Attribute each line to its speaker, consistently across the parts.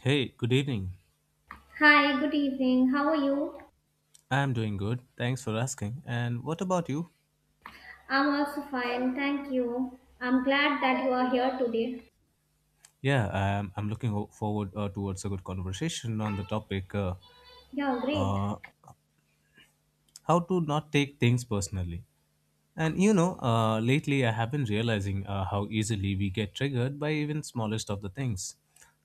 Speaker 1: Hey, good evening.
Speaker 2: Hi, good evening. How are you?
Speaker 1: I'm doing good. Thanks for asking. And what about you?
Speaker 2: I'm also fine, thank you. I'm glad that you are here today.
Speaker 1: Yeah, I'm looking forward towards a good conversation on the topic
Speaker 2: Yeah, great.
Speaker 1: uh, how to not take things personally. And you know, lately I have been realizing how easily we get triggered by even smallest of the things.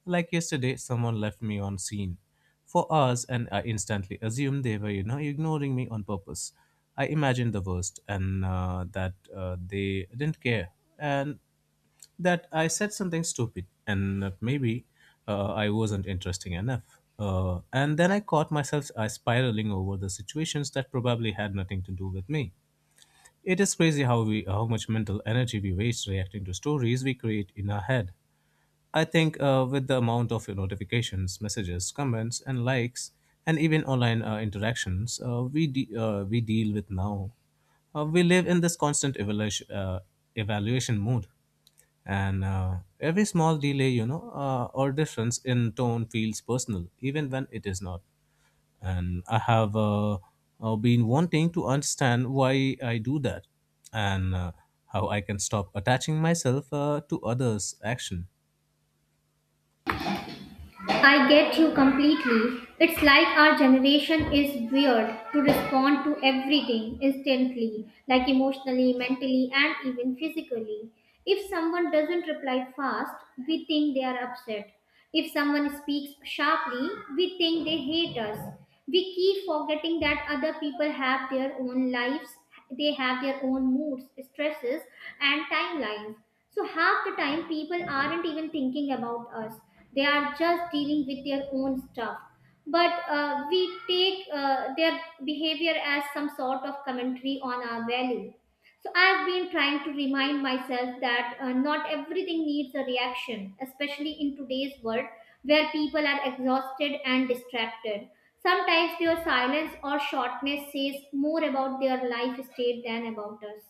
Speaker 1: Like yesterday, someone left me on scene for hours, and I instantly assumed they were, ignoring me on purpose. I imagined the worst, and that they didn't care, and that I said something stupid, and that maybe I wasn't interesting enough. And then I caught myself spiraling over the situations that probably had nothing to do with me. It is crazy how much mental energy we waste reacting to stories we create in our head. I think with the amount of your notifications, messages, comments, and likes, and even online interactions we deal with now, we live in this constant evaluation mode, and every small delay or difference in tone feels personal even when it is not, and I have been wanting to understand why I do that, and how I can stop attaching myself to others' action.
Speaker 2: I get you completely. It's like our generation is weird to respond to everything instantly, like emotionally, mentally, and even physically. If someone doesn't reply fast, we think they are upset. If someone speaks sharply, we think they hate us. We keep forgetting that other people have their own lives, they have their own moods, stresses, and timelines. So, half the time, people aren't even thinking about us, they are just dealing with their own stuff. But we take their behavior as some sort of commentary on our value. So I've been trying to remind myself that not everything needs a reaction, especially in today's world where people are exhausted and distracted. Sometimes their silence or shortness says more about their life state than about us.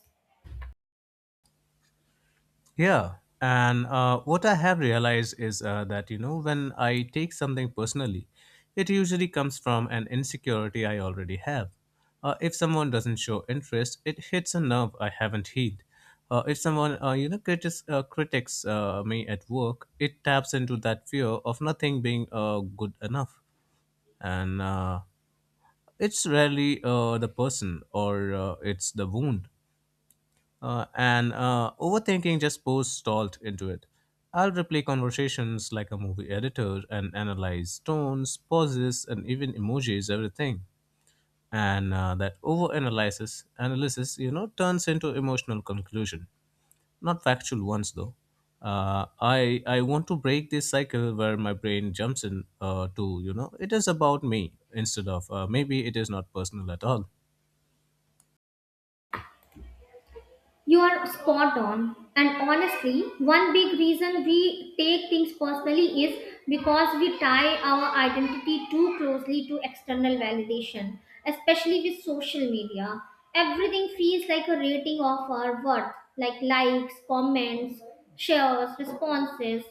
Speaker 1: Yeah. And what I have realized is that, you know, when I take something personally, it usually comes from an insecurity I already have. If someone doesn't show interest, it hits a nerve I haven't healed. If someone, critics me at work, it taps into that fear of nothing being good enough. And it's rarely the person, or it's the wound, and overthinking just pours salt into it. I'll replay conversations like a movie editor and analyze tones, pauses, and even emojis, everything. And that analysis, you know, turns into emotional conclusion, not factual ones though. I want to break this cycle where my brain jumps in to you know it is about me instead of maybe it is not personal at all.
Speaker 2: You are spot on. And honestly, one big reason we take things personally is because we tie our identity too closely to external validation, especially with social media. Everything feels like a rating of our worth, like likes, comments, shares, responses.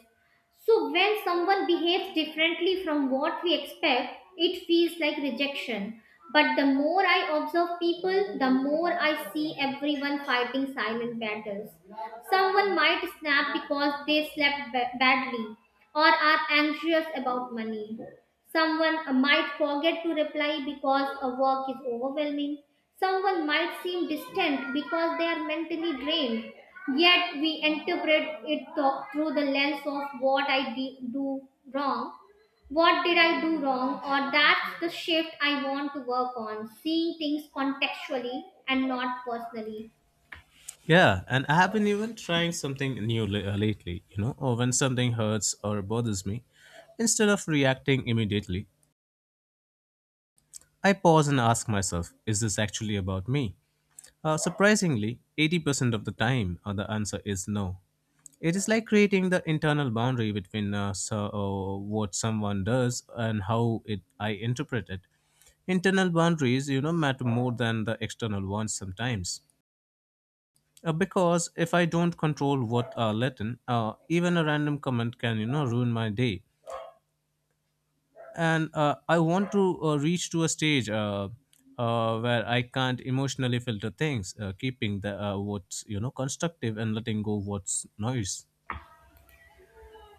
Speaker 2: So when someone behaves differently from what we expect, it feels like rejection. But the more I observe people, the more I see everyone fighting silent battles. Someone might snap because they slept badly or are anxious about money. Someone might forget to reply because a work is overwhelming. Someone might seem distant because they are mentally drained. Yet we interpret it through the lens of what do wrong. What did I do wrong? Or that's the shift I want to work on, seeing things contextually and not personally.
Speaker 1: Yeah, and I have been even trying something new lately, you know, or when something hurts or bothers me, instead of reacting immediately, I pause and ask myself, is this actually about me? Surprisingly, 80% of the time, the answer is no. It is like creating the internal boundary between what someone does and how it I interpret it. Internal boundaries, you know, matter more than the external ones sometimes. Because if I don't control what are Latin, even a random comment can you know ruin my day. And I want to reach to a stage where I can't emotionally filter things, keeping the what's you know constructive and letting go what's noise.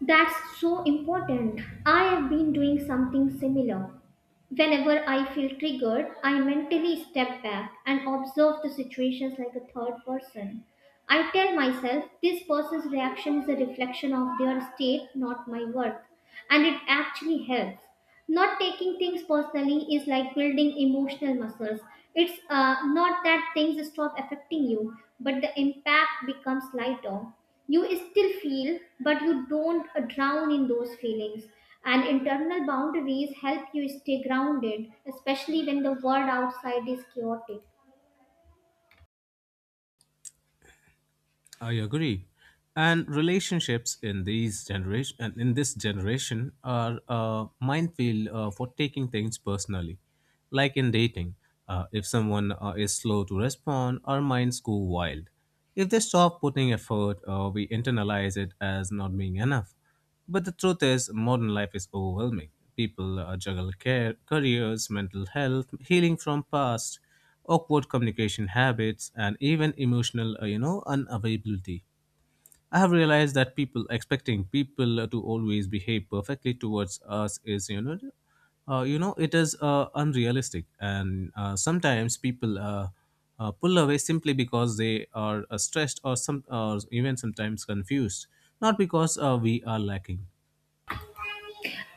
Speaker 2: That's so important. I have been doing something similar. Whenever I feel triggered, I mentally step back and observe the situations like a third person. I tell myself this person's reaction is a reflection of their state, not my worth, and it actually helps. Not taking things personally is like building emotional muscles. It's not that things stop affecting you, but the impact becomes lighter. You still feel, but you don't drown in those feelings. And internal boundaries help you stay grounded, especially when the world outside is chaotic.
Speaker 1: I agree. And relationships in these generation and in this generation are a minefield for taking things personally, like in dating. If someone is slow to respond, our minds go wild. If they stop putting effort, we internalize it as not being enough. But the truth is, modern life is overwhelming. People juggle care, careers, mental health, healing from past, awkward communication habits, and even emotional, unavailability. I have realized that people expecting people to always behave perfectly towards us is, you know, it is unrealistic, and sometimes people pull away simply because they are stressed or even sometimes confused, not because we are lacking.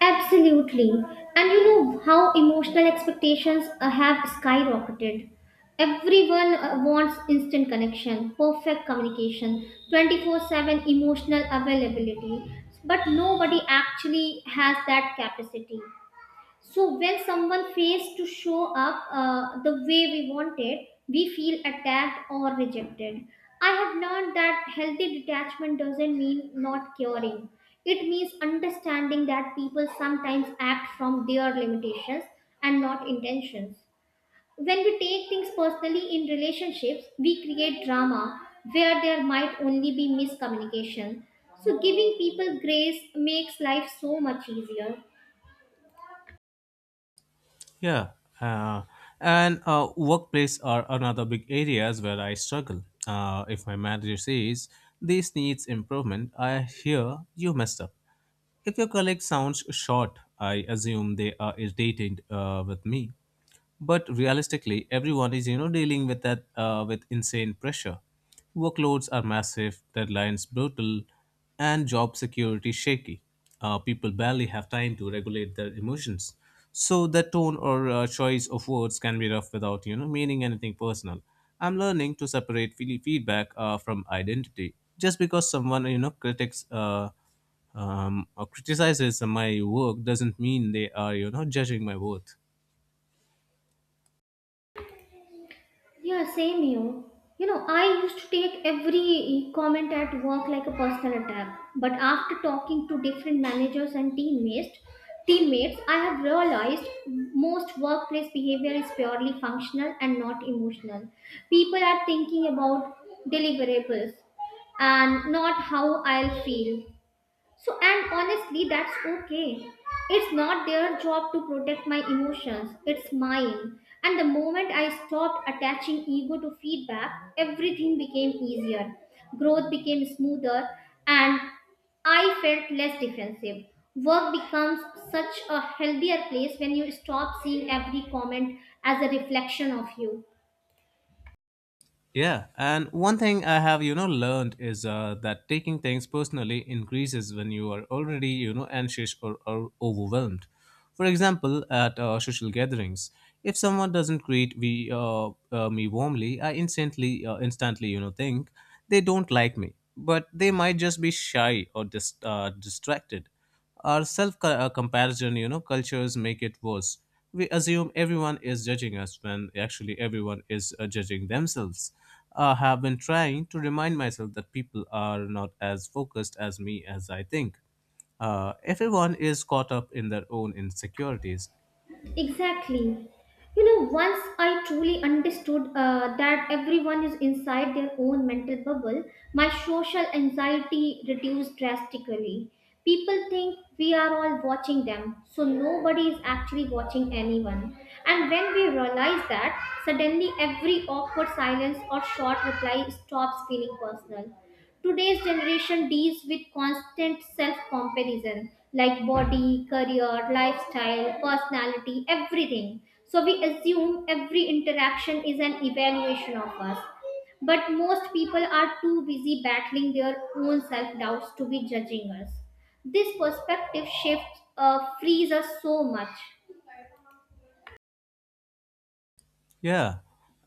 Speaker 2: Absolutely. And you know how emotional expectations have skyrocketed. Everyone wants instant connection, perfect communication, 24/7 emotional availability. But nobody actually has that capacity. So when someone fails to show up the way we wanted, we feel attacked or rejected. I have learned that healthy detachment doesn't mean not caring. It means understanding that people sometimes act from their limitations and not intentions. When we take things personally in relationships, we create drama where there might only be miscommunication. So giving people grace makes life so much easier.
Speaker 1: Yeah, uh, and uh, workplace are another big areas where I struggle. If my manager says this needs improvement, I hear you messed up. If your colleague sounds short, I assume they are irritated with me, but realistically everyone is you know dealing with that with insane pressure, workloads are massive, deadlines brutal, and job security shaky. People barely have time to regulate their emotions, so the tone or choice of words can be rough without you know meaning anything personal. I'm learning to separate feedback from identity. Just because someone you know critics or criticizes my work doesn't mean they are you know judging my worth.
Speaker 2: Yeah, same here. You know, I used to take every comment at work like a personal attack. But after talking to different managers and teammates, I have realized most workplace behavior is purely functional and not emotional. People are thinking about deliverables and not how I'll feel. So, and honestly, that's okay. It's not their job to protect my emotions, it's mine. And the moment I stopped attaching ego to feedback, everything became easier. Growth became smoother, and I felt less defensive. Work becomes such a healthier place when you stop seeing every comment as a reflection of you.
Speaker 1: Yeah, and one thing I have you know learned is that taking things personally increases when you are already you know anxious or overwhelmed. For example, at social gatherings, if someone doesn't greet me warmly, I instantly you know think they don't like me, but they might just be shy or distracted. Our self comparison, you know, cultures make it worse. We assume everyone is judging us when actually everyone is judging themselves. I have been trying to remind myself that people are not as focused as I think. Everyone is caught up in their own insecurities.
Speaker 2: Exactly. You know, once I truly understood that everyone is inside their own mental bubble, my social anxiety reduced drastically. People think we are all watching them, so nobody is actually watching anyone. And when we realize that, suddenly every awkward silence or short reply stops feeling personal. Today's generation deals with constant self comparison, like body, career, lifestyle, personality, everything. So we assume every interaction is an evaluation of us. But most people are too busy battling their own self doubts to be judging us. This perspective shift frees us so much.
Speaker 1: Yeah.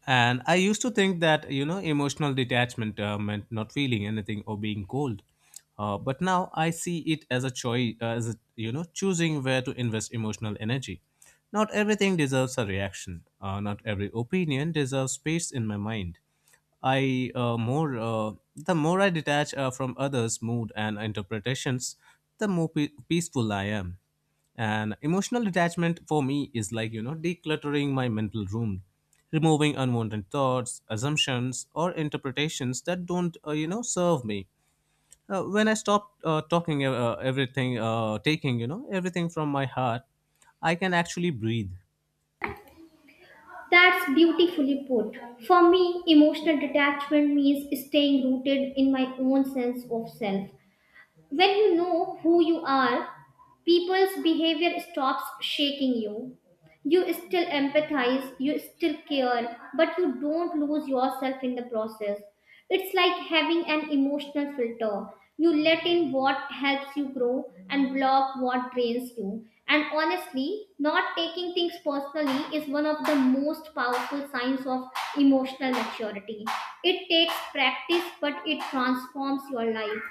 Speaker 1: And I used to think that, you know, emotional detachment meant not feeling anything or being cold. But now I see it as a choice, a, you know, choosing where to invest emotional energy. Not everything deserves a reaction. Not every opinion deserves space in my mind. I more The more I detach from others' mood and interpretations, the more peaceful I am. And emotional detachment for me is like you know decluttering my mental room, removing unwanted thoughts, assumptions, or interpretations that don't you know serve me. When I stop taking you know everything from my heart, I can actually breathe.
Speaker 2: That's beautifully put. For me, emotional detachment means staying rooted in my own sense of self. When you know who you are, people's behavior stops shaking you. You still empathize, you still care, but you don't lose yourself in the process. It's like having an emotional filter. You let in what helps you grow and block what drains you. And honestly, not taking things personally is one of the most powerful signs of emotional maturity. It takes practice, but it transforms your life.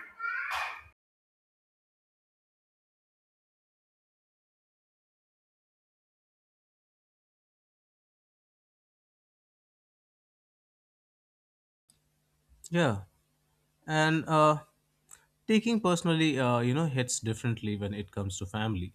Speaker 1: Yeah, and taking personally you know hits differently when it comes to family,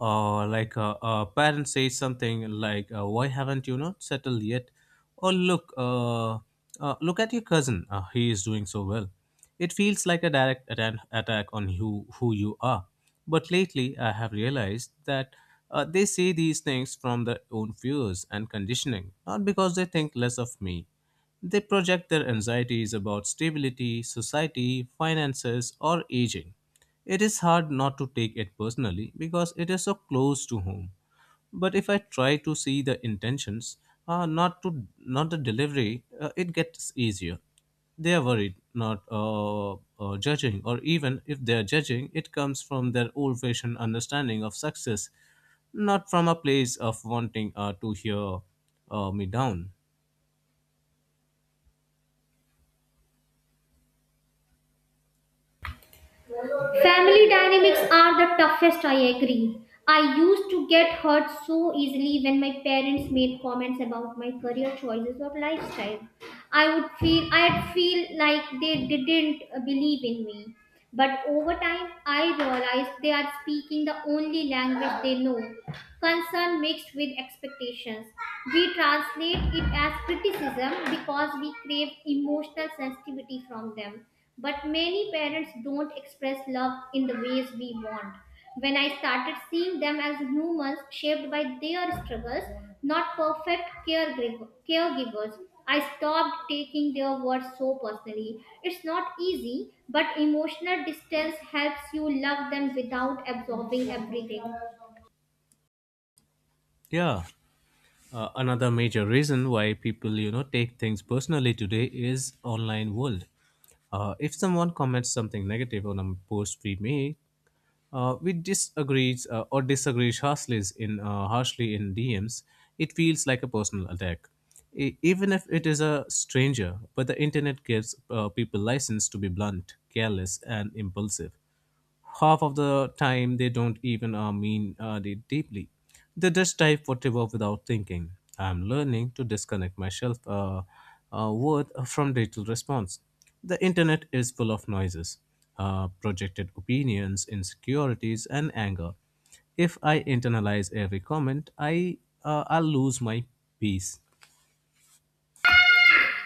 Speaker 1: like a parent says something like why haven't you not settled yet, or look at your cousin, he is doing so well. It feels like a direct attack on who you are. But lately I have realized that they say these things from their own fears and conditioning, not because they think less of me. They project their anxieties about stability, society, finances, or aging. It is hard not to take it personally because it is so close to home. But if I try to see the intentions, not the delivery, it gets easier. They are worried, not judging, or even if they are judging, it comes from their old-fashioned understanding of success, not from a place of wanting to hear me down.
Speaker 2: Family dynamics are the toughest, I agree. I used to get hurt so easily when my parents made comments about my career choices or lifestyle. I'd feel like they didn't believe in me. But over time, I realized they are speaking the only language they know, concern mixed with expectations. We translate it as criticism because we crave emotional sensitivity from them. But many parents don't express love in the ways we want. When I started seeing them as humans shaped by their struggles, not perfect caregivers, I stopped taking their words so personally. It's not easy, but emotional distance helps you love them without absorbing everything.
Speaker 1: Yeah. Another major reason why people you know take things personally today is online world. If someone comments something negative on a post we make, we disagree or disagree harshly in DMs. It feels like a personal attack, even if it is a stranger. But the internet gives people license to be blunt, careless, and impulsive. Half of the time they don't even mean it deeply. They just type whatever without thinking. I'm learning to disconnect myself word from digital response. The internet is full of noises, projected opinions, insecurities, and anger. If I internalize every comment, I'll lose my peace.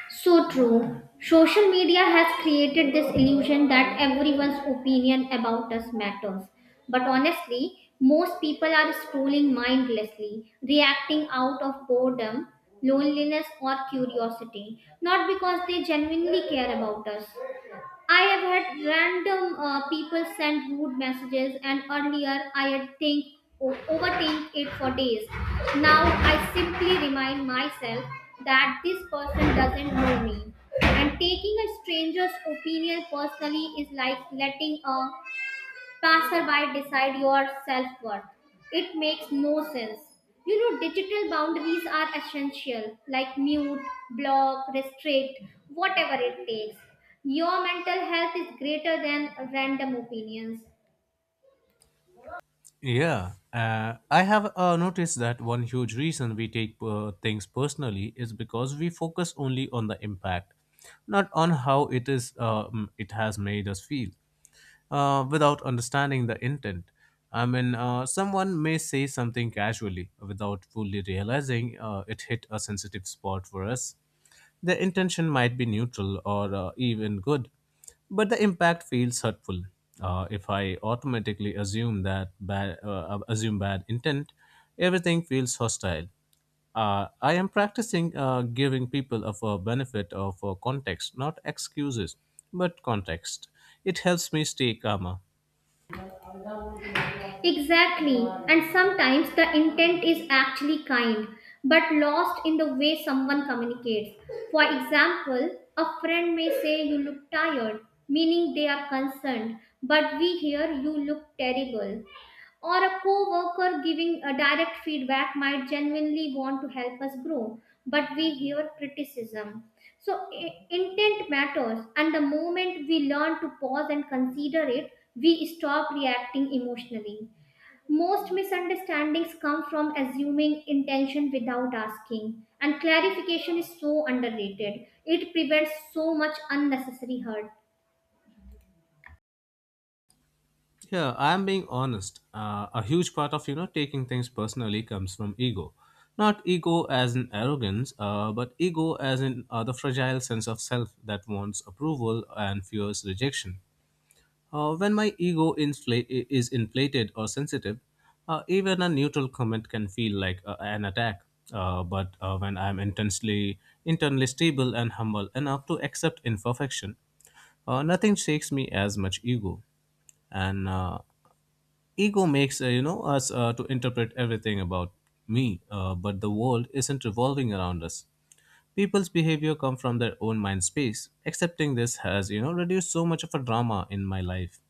Speaker 2: So true. Social media has created this illusion that everyone's opinion about us matters. But honestly, most people are scrolling mindlessly, reacting out of boredom, loneliness, or curiosity, not because they genuinely care about us. I have had random people send rude messages, and earlier I had think overthink it for days. Now I simply remind myself that this person doesn't know me, and taking a stranger's opinion personally is like letting a passerby decide your self worth. It makes no sense. You know, digital boundaries are essential, like mute, block, restrict, whatever it takes. Your mental health is greater than random opinions.
Speaker 1: Yeah, I have noticed that one huge reason we take things personally is because we focus only on the impact, not on how it has made us feel, without understanding the intent. I mean, someone may say something casually without fully realizing it hit a sensitive spot for us. The intention might be neutral or even good, but the impact feels hurtful. If I automatically assume assume bad intent, everything feels hostile. I am practicing giving people of a benefit of context, not excuses, but context. It helps me stay calmer.
Speaker 2: Exactly, and sometimes the intent is actually kind but lost in the way someone communicates. For example, a friend may say you look tired, meaning they are concerned, but we hear you look terrible. Or a co-worker giving a direct feedback might genuinely want to help us grow, but we hear criticism. So intent matters, and the moment we learn to pause and consider it, we stop reacting emotionally. Most misunderstandings come from assuming intention without asking, and clarification is so underrated. It prevents so much unnecessary hurt.
Speaker 1: Yeah, I'm being honest. A huge part of you know taking things personally comes from ego, not ego as in arrogance, but ego as in the fragile sense of self that wants approval and fears rejection. When my ego is inflated or sensitive, even a neutral comment can feel like an attack. But when I'm intensely internally stable and humble enough to accept imperfection, nothing shakes me as much ego and ego makes us to interpret everything about me, but the world isn't revolving around us. People's behavior come from their own mind space. Accepting this has reduced so much of a drama in my life.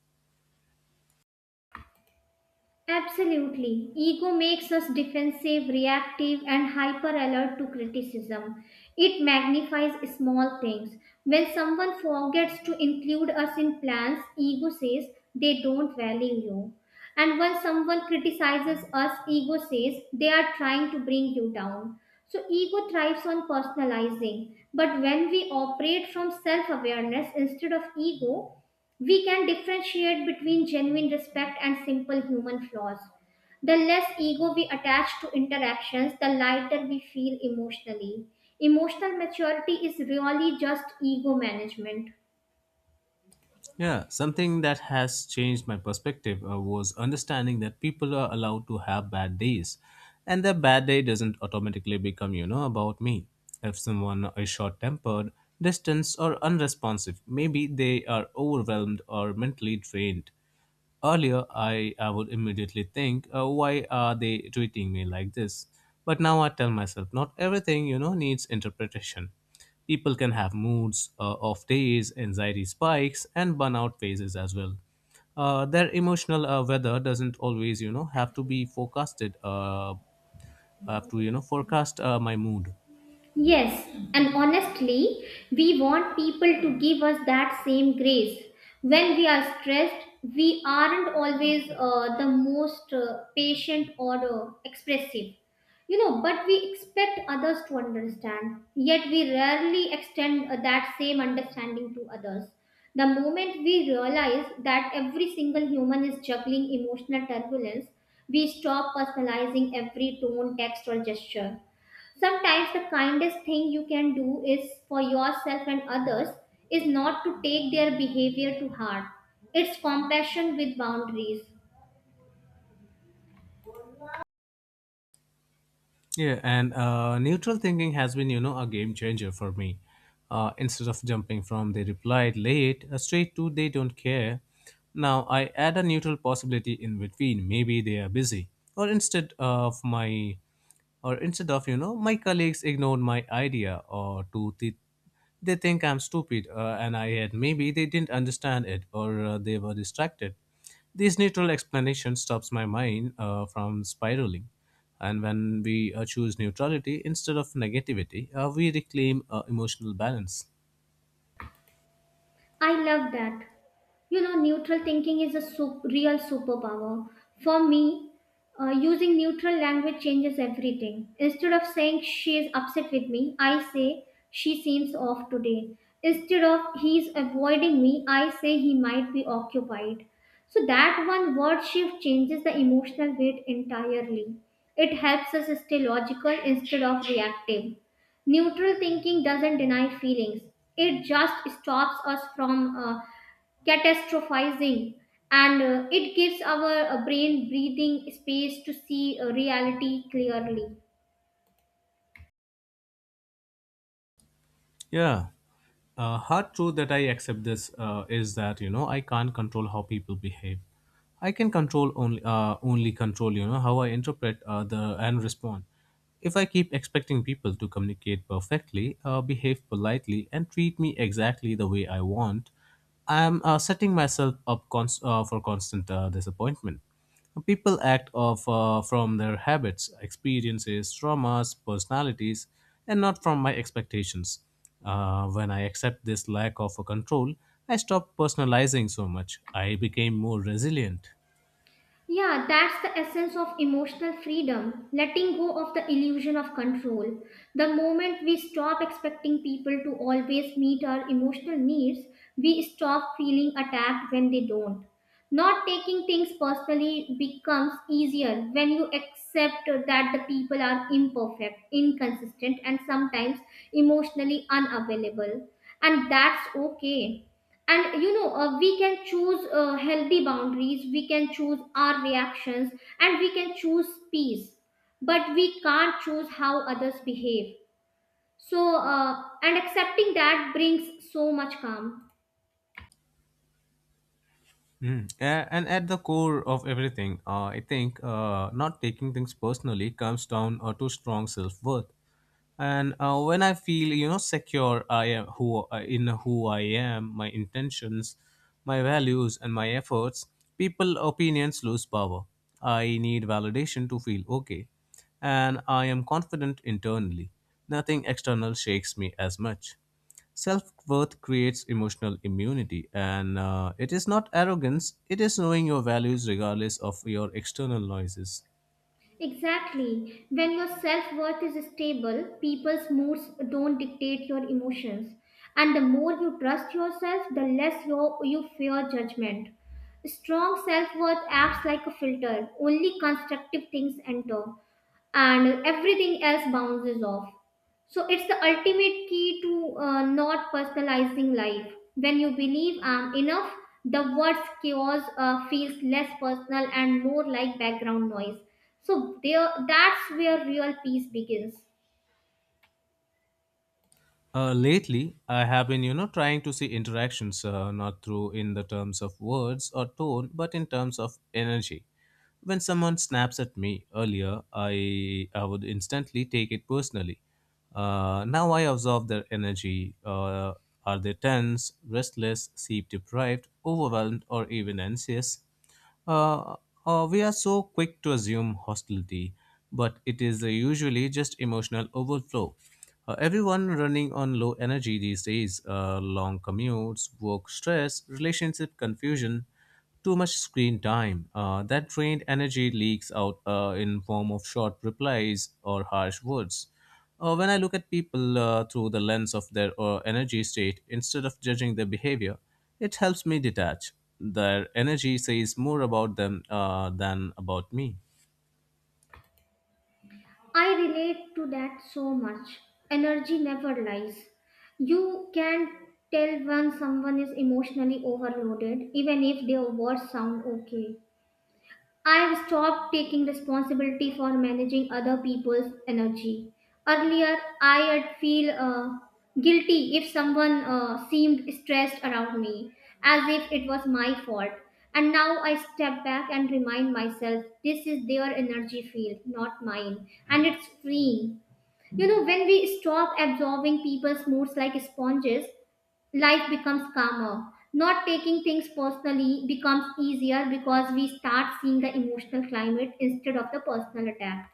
Speaker 2: Absolutely. Ego makes us defensive, reactive, and hyper alert to criticism. It magnifies small things. When someone forgets to include us in plans, ego says they don't value you. And when someone criticizes us, ego says they are trying to bring you down. So, ego thrives on personalizing. But when we operate from self awareness instead of ego, we can differentiate between genuine respect and simple human flaws. The less ego we attach to interactions, the lighter we feel emotionally. Emotional maturity is really just ego management.
Speaker 1: Yeah, something that has changed my perspective was understanding that people are allowed to have bad days, and their bad day doesn't automatically become about me. If someone is short tempered, distant or unresponsive, maybe they are overwhelmed or mentally drained. Earlier, I would immediately think, why are they treating me like this? But now I tell myself, not everything, needs interpretation. People can have moods, off days, anxiety spikes, and burnout phases as well. Their emotional weather doesn't always, have to be forecasted. Have to, you know, forecast my mood.
Speaker 2: Yes, and honestly, we want people to give us that same grace. When we are stressed, we aren't always the most patient or expressive. You know, but we expect others to understand, yet we rarely extend that same understanding to others. The moment we realize that every single human is juggling emotional turbulence, we stop personalizing every tone, text, or gesture. Sometimes the kindest thing you can do is for yourself and others is not to take their behavior to heart. It's compassion with boundaries.
Speaker 1: Yeah, and neutral thinking has been, a game changer for me. Instead of jumping from they replied late straight to they don't care, now I add a neutral possibility in between. Maybe they are busy, or instead of my, or instead of my colleagues ignored my idea, they think I'm stupid, and I had maybe they didn't understand it, or they were distracted. This neutral explanation stops my mind from spiraling. And when we choose neutrality instead of negativity, we reclaim emotional balance.
Speaker 2: I love that. You know, neutral thinking is a real superpower. For me, using neutral language changes everything. Instead of saying she is upset with me, I say she seems off today. Instead of he's avoiding me, I say he might be occupied. So that one word shift changes the emotional weight entirely. It helps us stay logical instead of reactive. Neutral thinking doesn't deny feelings, it just stops us from catastrophizing, and it gives our brain breathing space to see reality clearly.
Speaker 1: Yeah. Hard truth that I accept this is that I can't control how people behave. I can control only control how I interpret the and respond. If I keep expecting people to communicate perfectly, behave politely, and treat me exactly the way I want, I'm setting myself up for constant disappointment. People act off from their habits, experiences, traumas, personalities, and not from my expectations. When I accept this lack of control, I stop personalizing so much. I became more resilient.
Speaker 2: Yeah, that's the essence of emotional freedom, letting go of the illusion of control. The moment we stop expecting people to always meet our emotional needs, we stop feeling attacked when they don't. Not taking things personally becomes easier when you accept that the people are imperfect, inconsistent, and sometimes emotionally unavailable. And that's okay, and you know we can choose healthy boundaries, we can choose our reactions, and we can choose peace, but we can't choose how others behave. So and accepting that brings so much calm.
Speaker 1: Mm. And at the core of everything, I think not taking things personally comes down to strong self worth. And when I feel, secure, I am who in who I am, my intentions, my values, and my efforts. People opinions lose power. I need validation to feel okay, and I am confident internally. Nothing external shakes me as much. Self worth creates emotional immunity, and it is not arrogance, it is knowing your values regardless of your external noises.
Speaker 2: Exactly, when your self-worth is stable, people's moods don't dictate your emotions, and the more you trust yourself, the less you fear judgment. Strong self-worth acts like a filter, only constructive things enter and everything else bounces off. So it's the ultimate key to not personalizing life. When you believe I'm enough, the word chaos feels less personal and more like background noise. So there, that's where real peace begins.
Speaker 1: Lately, I have been, trying to see interactions not through in the terms of words or tone, but in terms of energy. When someone snaps at me earlier, I would instantly take it personally. Now I observe their energy. Are they tense, restless, sleep deprived, overwhelmed, or even anxious? Uh, we are so quick to assume hostility, but it is usually just emotional overflow. Everyone running on low energy these days, long commutes, work stress, relationship confusion. Too much screen time. That drained energy leaks out in form of short replies or harsh words. When I look at people through the lens of their energy state instead of judging their behavior, it helps me detach. Their energy says more about them than about me.
Speaker 2: I relate to that so much. Energy never lies. You can tell when someone is emotionally overloaded, even if their words sound okay. I've stopped taking responsibility for managing other people's energy. Earlier, I'd feel guilty if someone seemed stressed around me, as if it was my fault. And now I step back and remind myself this is their energy field, not mine, and it's freeing. You know, when we stop absorbing people's moods like sponges, life becomes calmer. Not taking things personally becomes easier because we start seeing the emotional climate instead of the personal attack.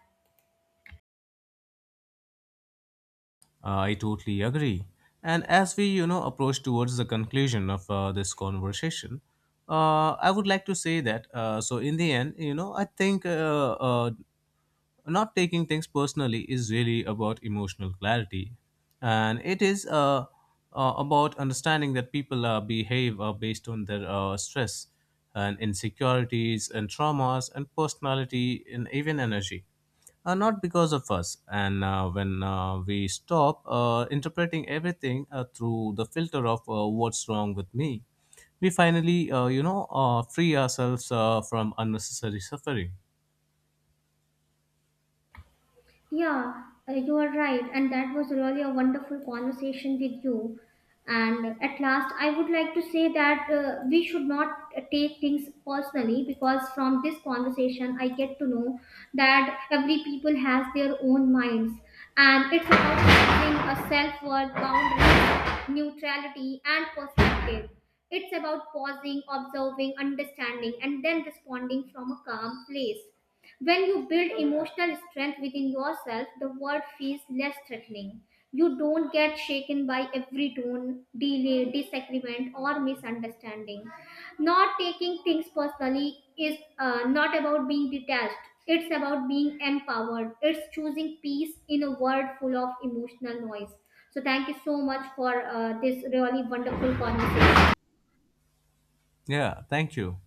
Speaker 1: I totally agree. And as we, approach towards the conclusion of this conversation, I would like to say that. So in the end, I think not taking things personally is really about emotional clarity, and it is about understanding that people behave based on their stress and insecurities and traumas and personality and even energy, not because of us. And when we stop interpreting everything through the filter of what's wrong with me, we finally, free ourselves from unnecessary suffering.
Speaker 2: Yeah, you are right. And that was really a wonderful conversation with you. And at last, I would like to say that we should not take things personally, because from this conversation, I get to know that every people has their own minds. And it's about having a self-worth, boundaries, neutrality, and perspective. It's about pausing, observing, understanding, and then responding from a calm place. When you build emotional strength within yourself, the world feels less threatening. You don't get shaken by every tone, delay, disagreement, or misunderstanding. Not taking things personally is not about being detached, it's about being empowered. It's choosing peace in a world full of emotional noise. So, thank you so much for this really wonderful conversation.
Speaker 1: Yeah, thank you.